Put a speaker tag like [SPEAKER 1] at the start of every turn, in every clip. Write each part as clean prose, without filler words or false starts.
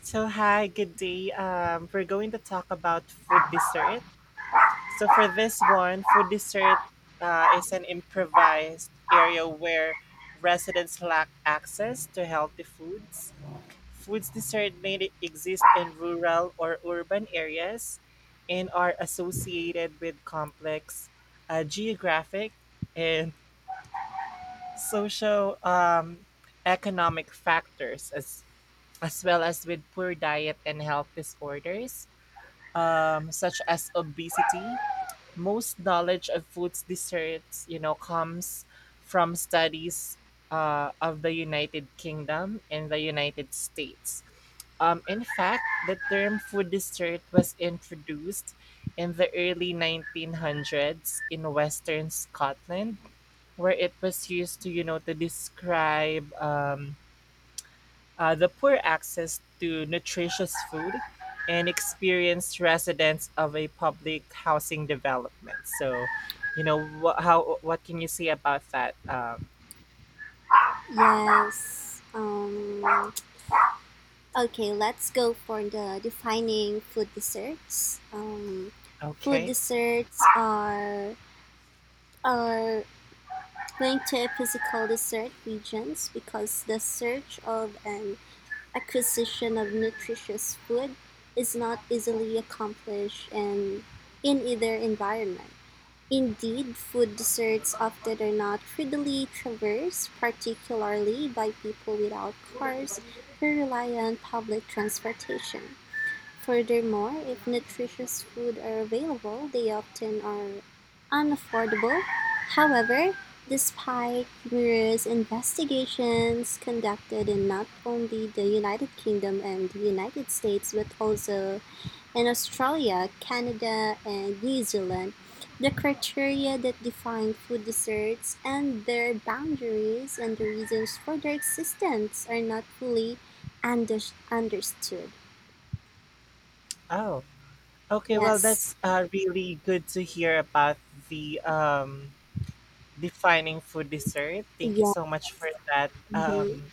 [SPEAKER 1] So hi, good day. We're going to talk about food dessert. So for this one, food dessert is an improvised area where residents lack access to healthy foods. Foods dessert may exist in rural or urban areas and are associated with complex geographic and social economic factors as well as with poor diet and health disorders such as obesity. Most knowledge of food's desserts, comes from studies of the United Kingdom and the United States. In fact, the term food dessert was introduced in the early 1900s in Western Scotland, where it was used to describe the poor access to nutritious food, and experienced residents of a public housing development. So, how what can you say about that?
[SPEAKER 2] Yes. Okay, let's go for the defining food desserts. Food
[SPEAKER 1] Okay.
[SPEAKER 2] desserts are linked to physical dessert regions because the search of an acquisition of nutritious food is not easily accomplished in either environment. Indeed, food deserts often are not readily traversed, particularly by people without cars who rely on public transportation. Furthermore, if nutritious food are available, they often are unaffordable. However, despite numerous investigations conducted in not only the United Kingdom and the United States but also in Australia, Canada, and New Zealand, the criteria that define food deserts and their boundaries and the reasons for their existence are not fully under- understood.
[SPEAKER 1] Oh, okay. Well,
[SPEAKER 2] Yes.
[SPEAKER 1] that's really good to hear about the defining food dessert. Thank you
[SPEAKER 2] Yeah.
[SPEAKER 1] so much for that.
[SPEAKER 2] Mhm.
[SPEAKER 1] Um,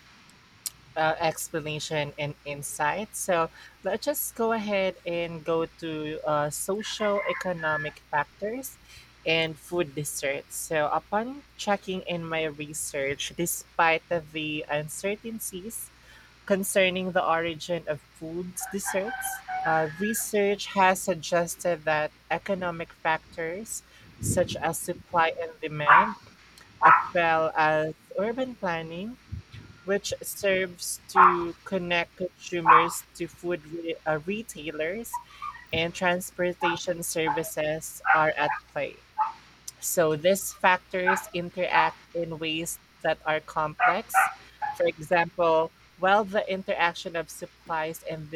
[SPEAKER 1] uh, Explanation and insight. So let's just go ahead and go to socio-economic factors and food deserts. So upon checking in my research, despite the uncertainties concerning the origin of foods desserts, research has suggested that economic factors such as supply and demand, as well as urban planning, which serves to connect consumers to retailers and transportation services are at play. So these factors interact in ways that are complex. For example, while the interaction of supplies and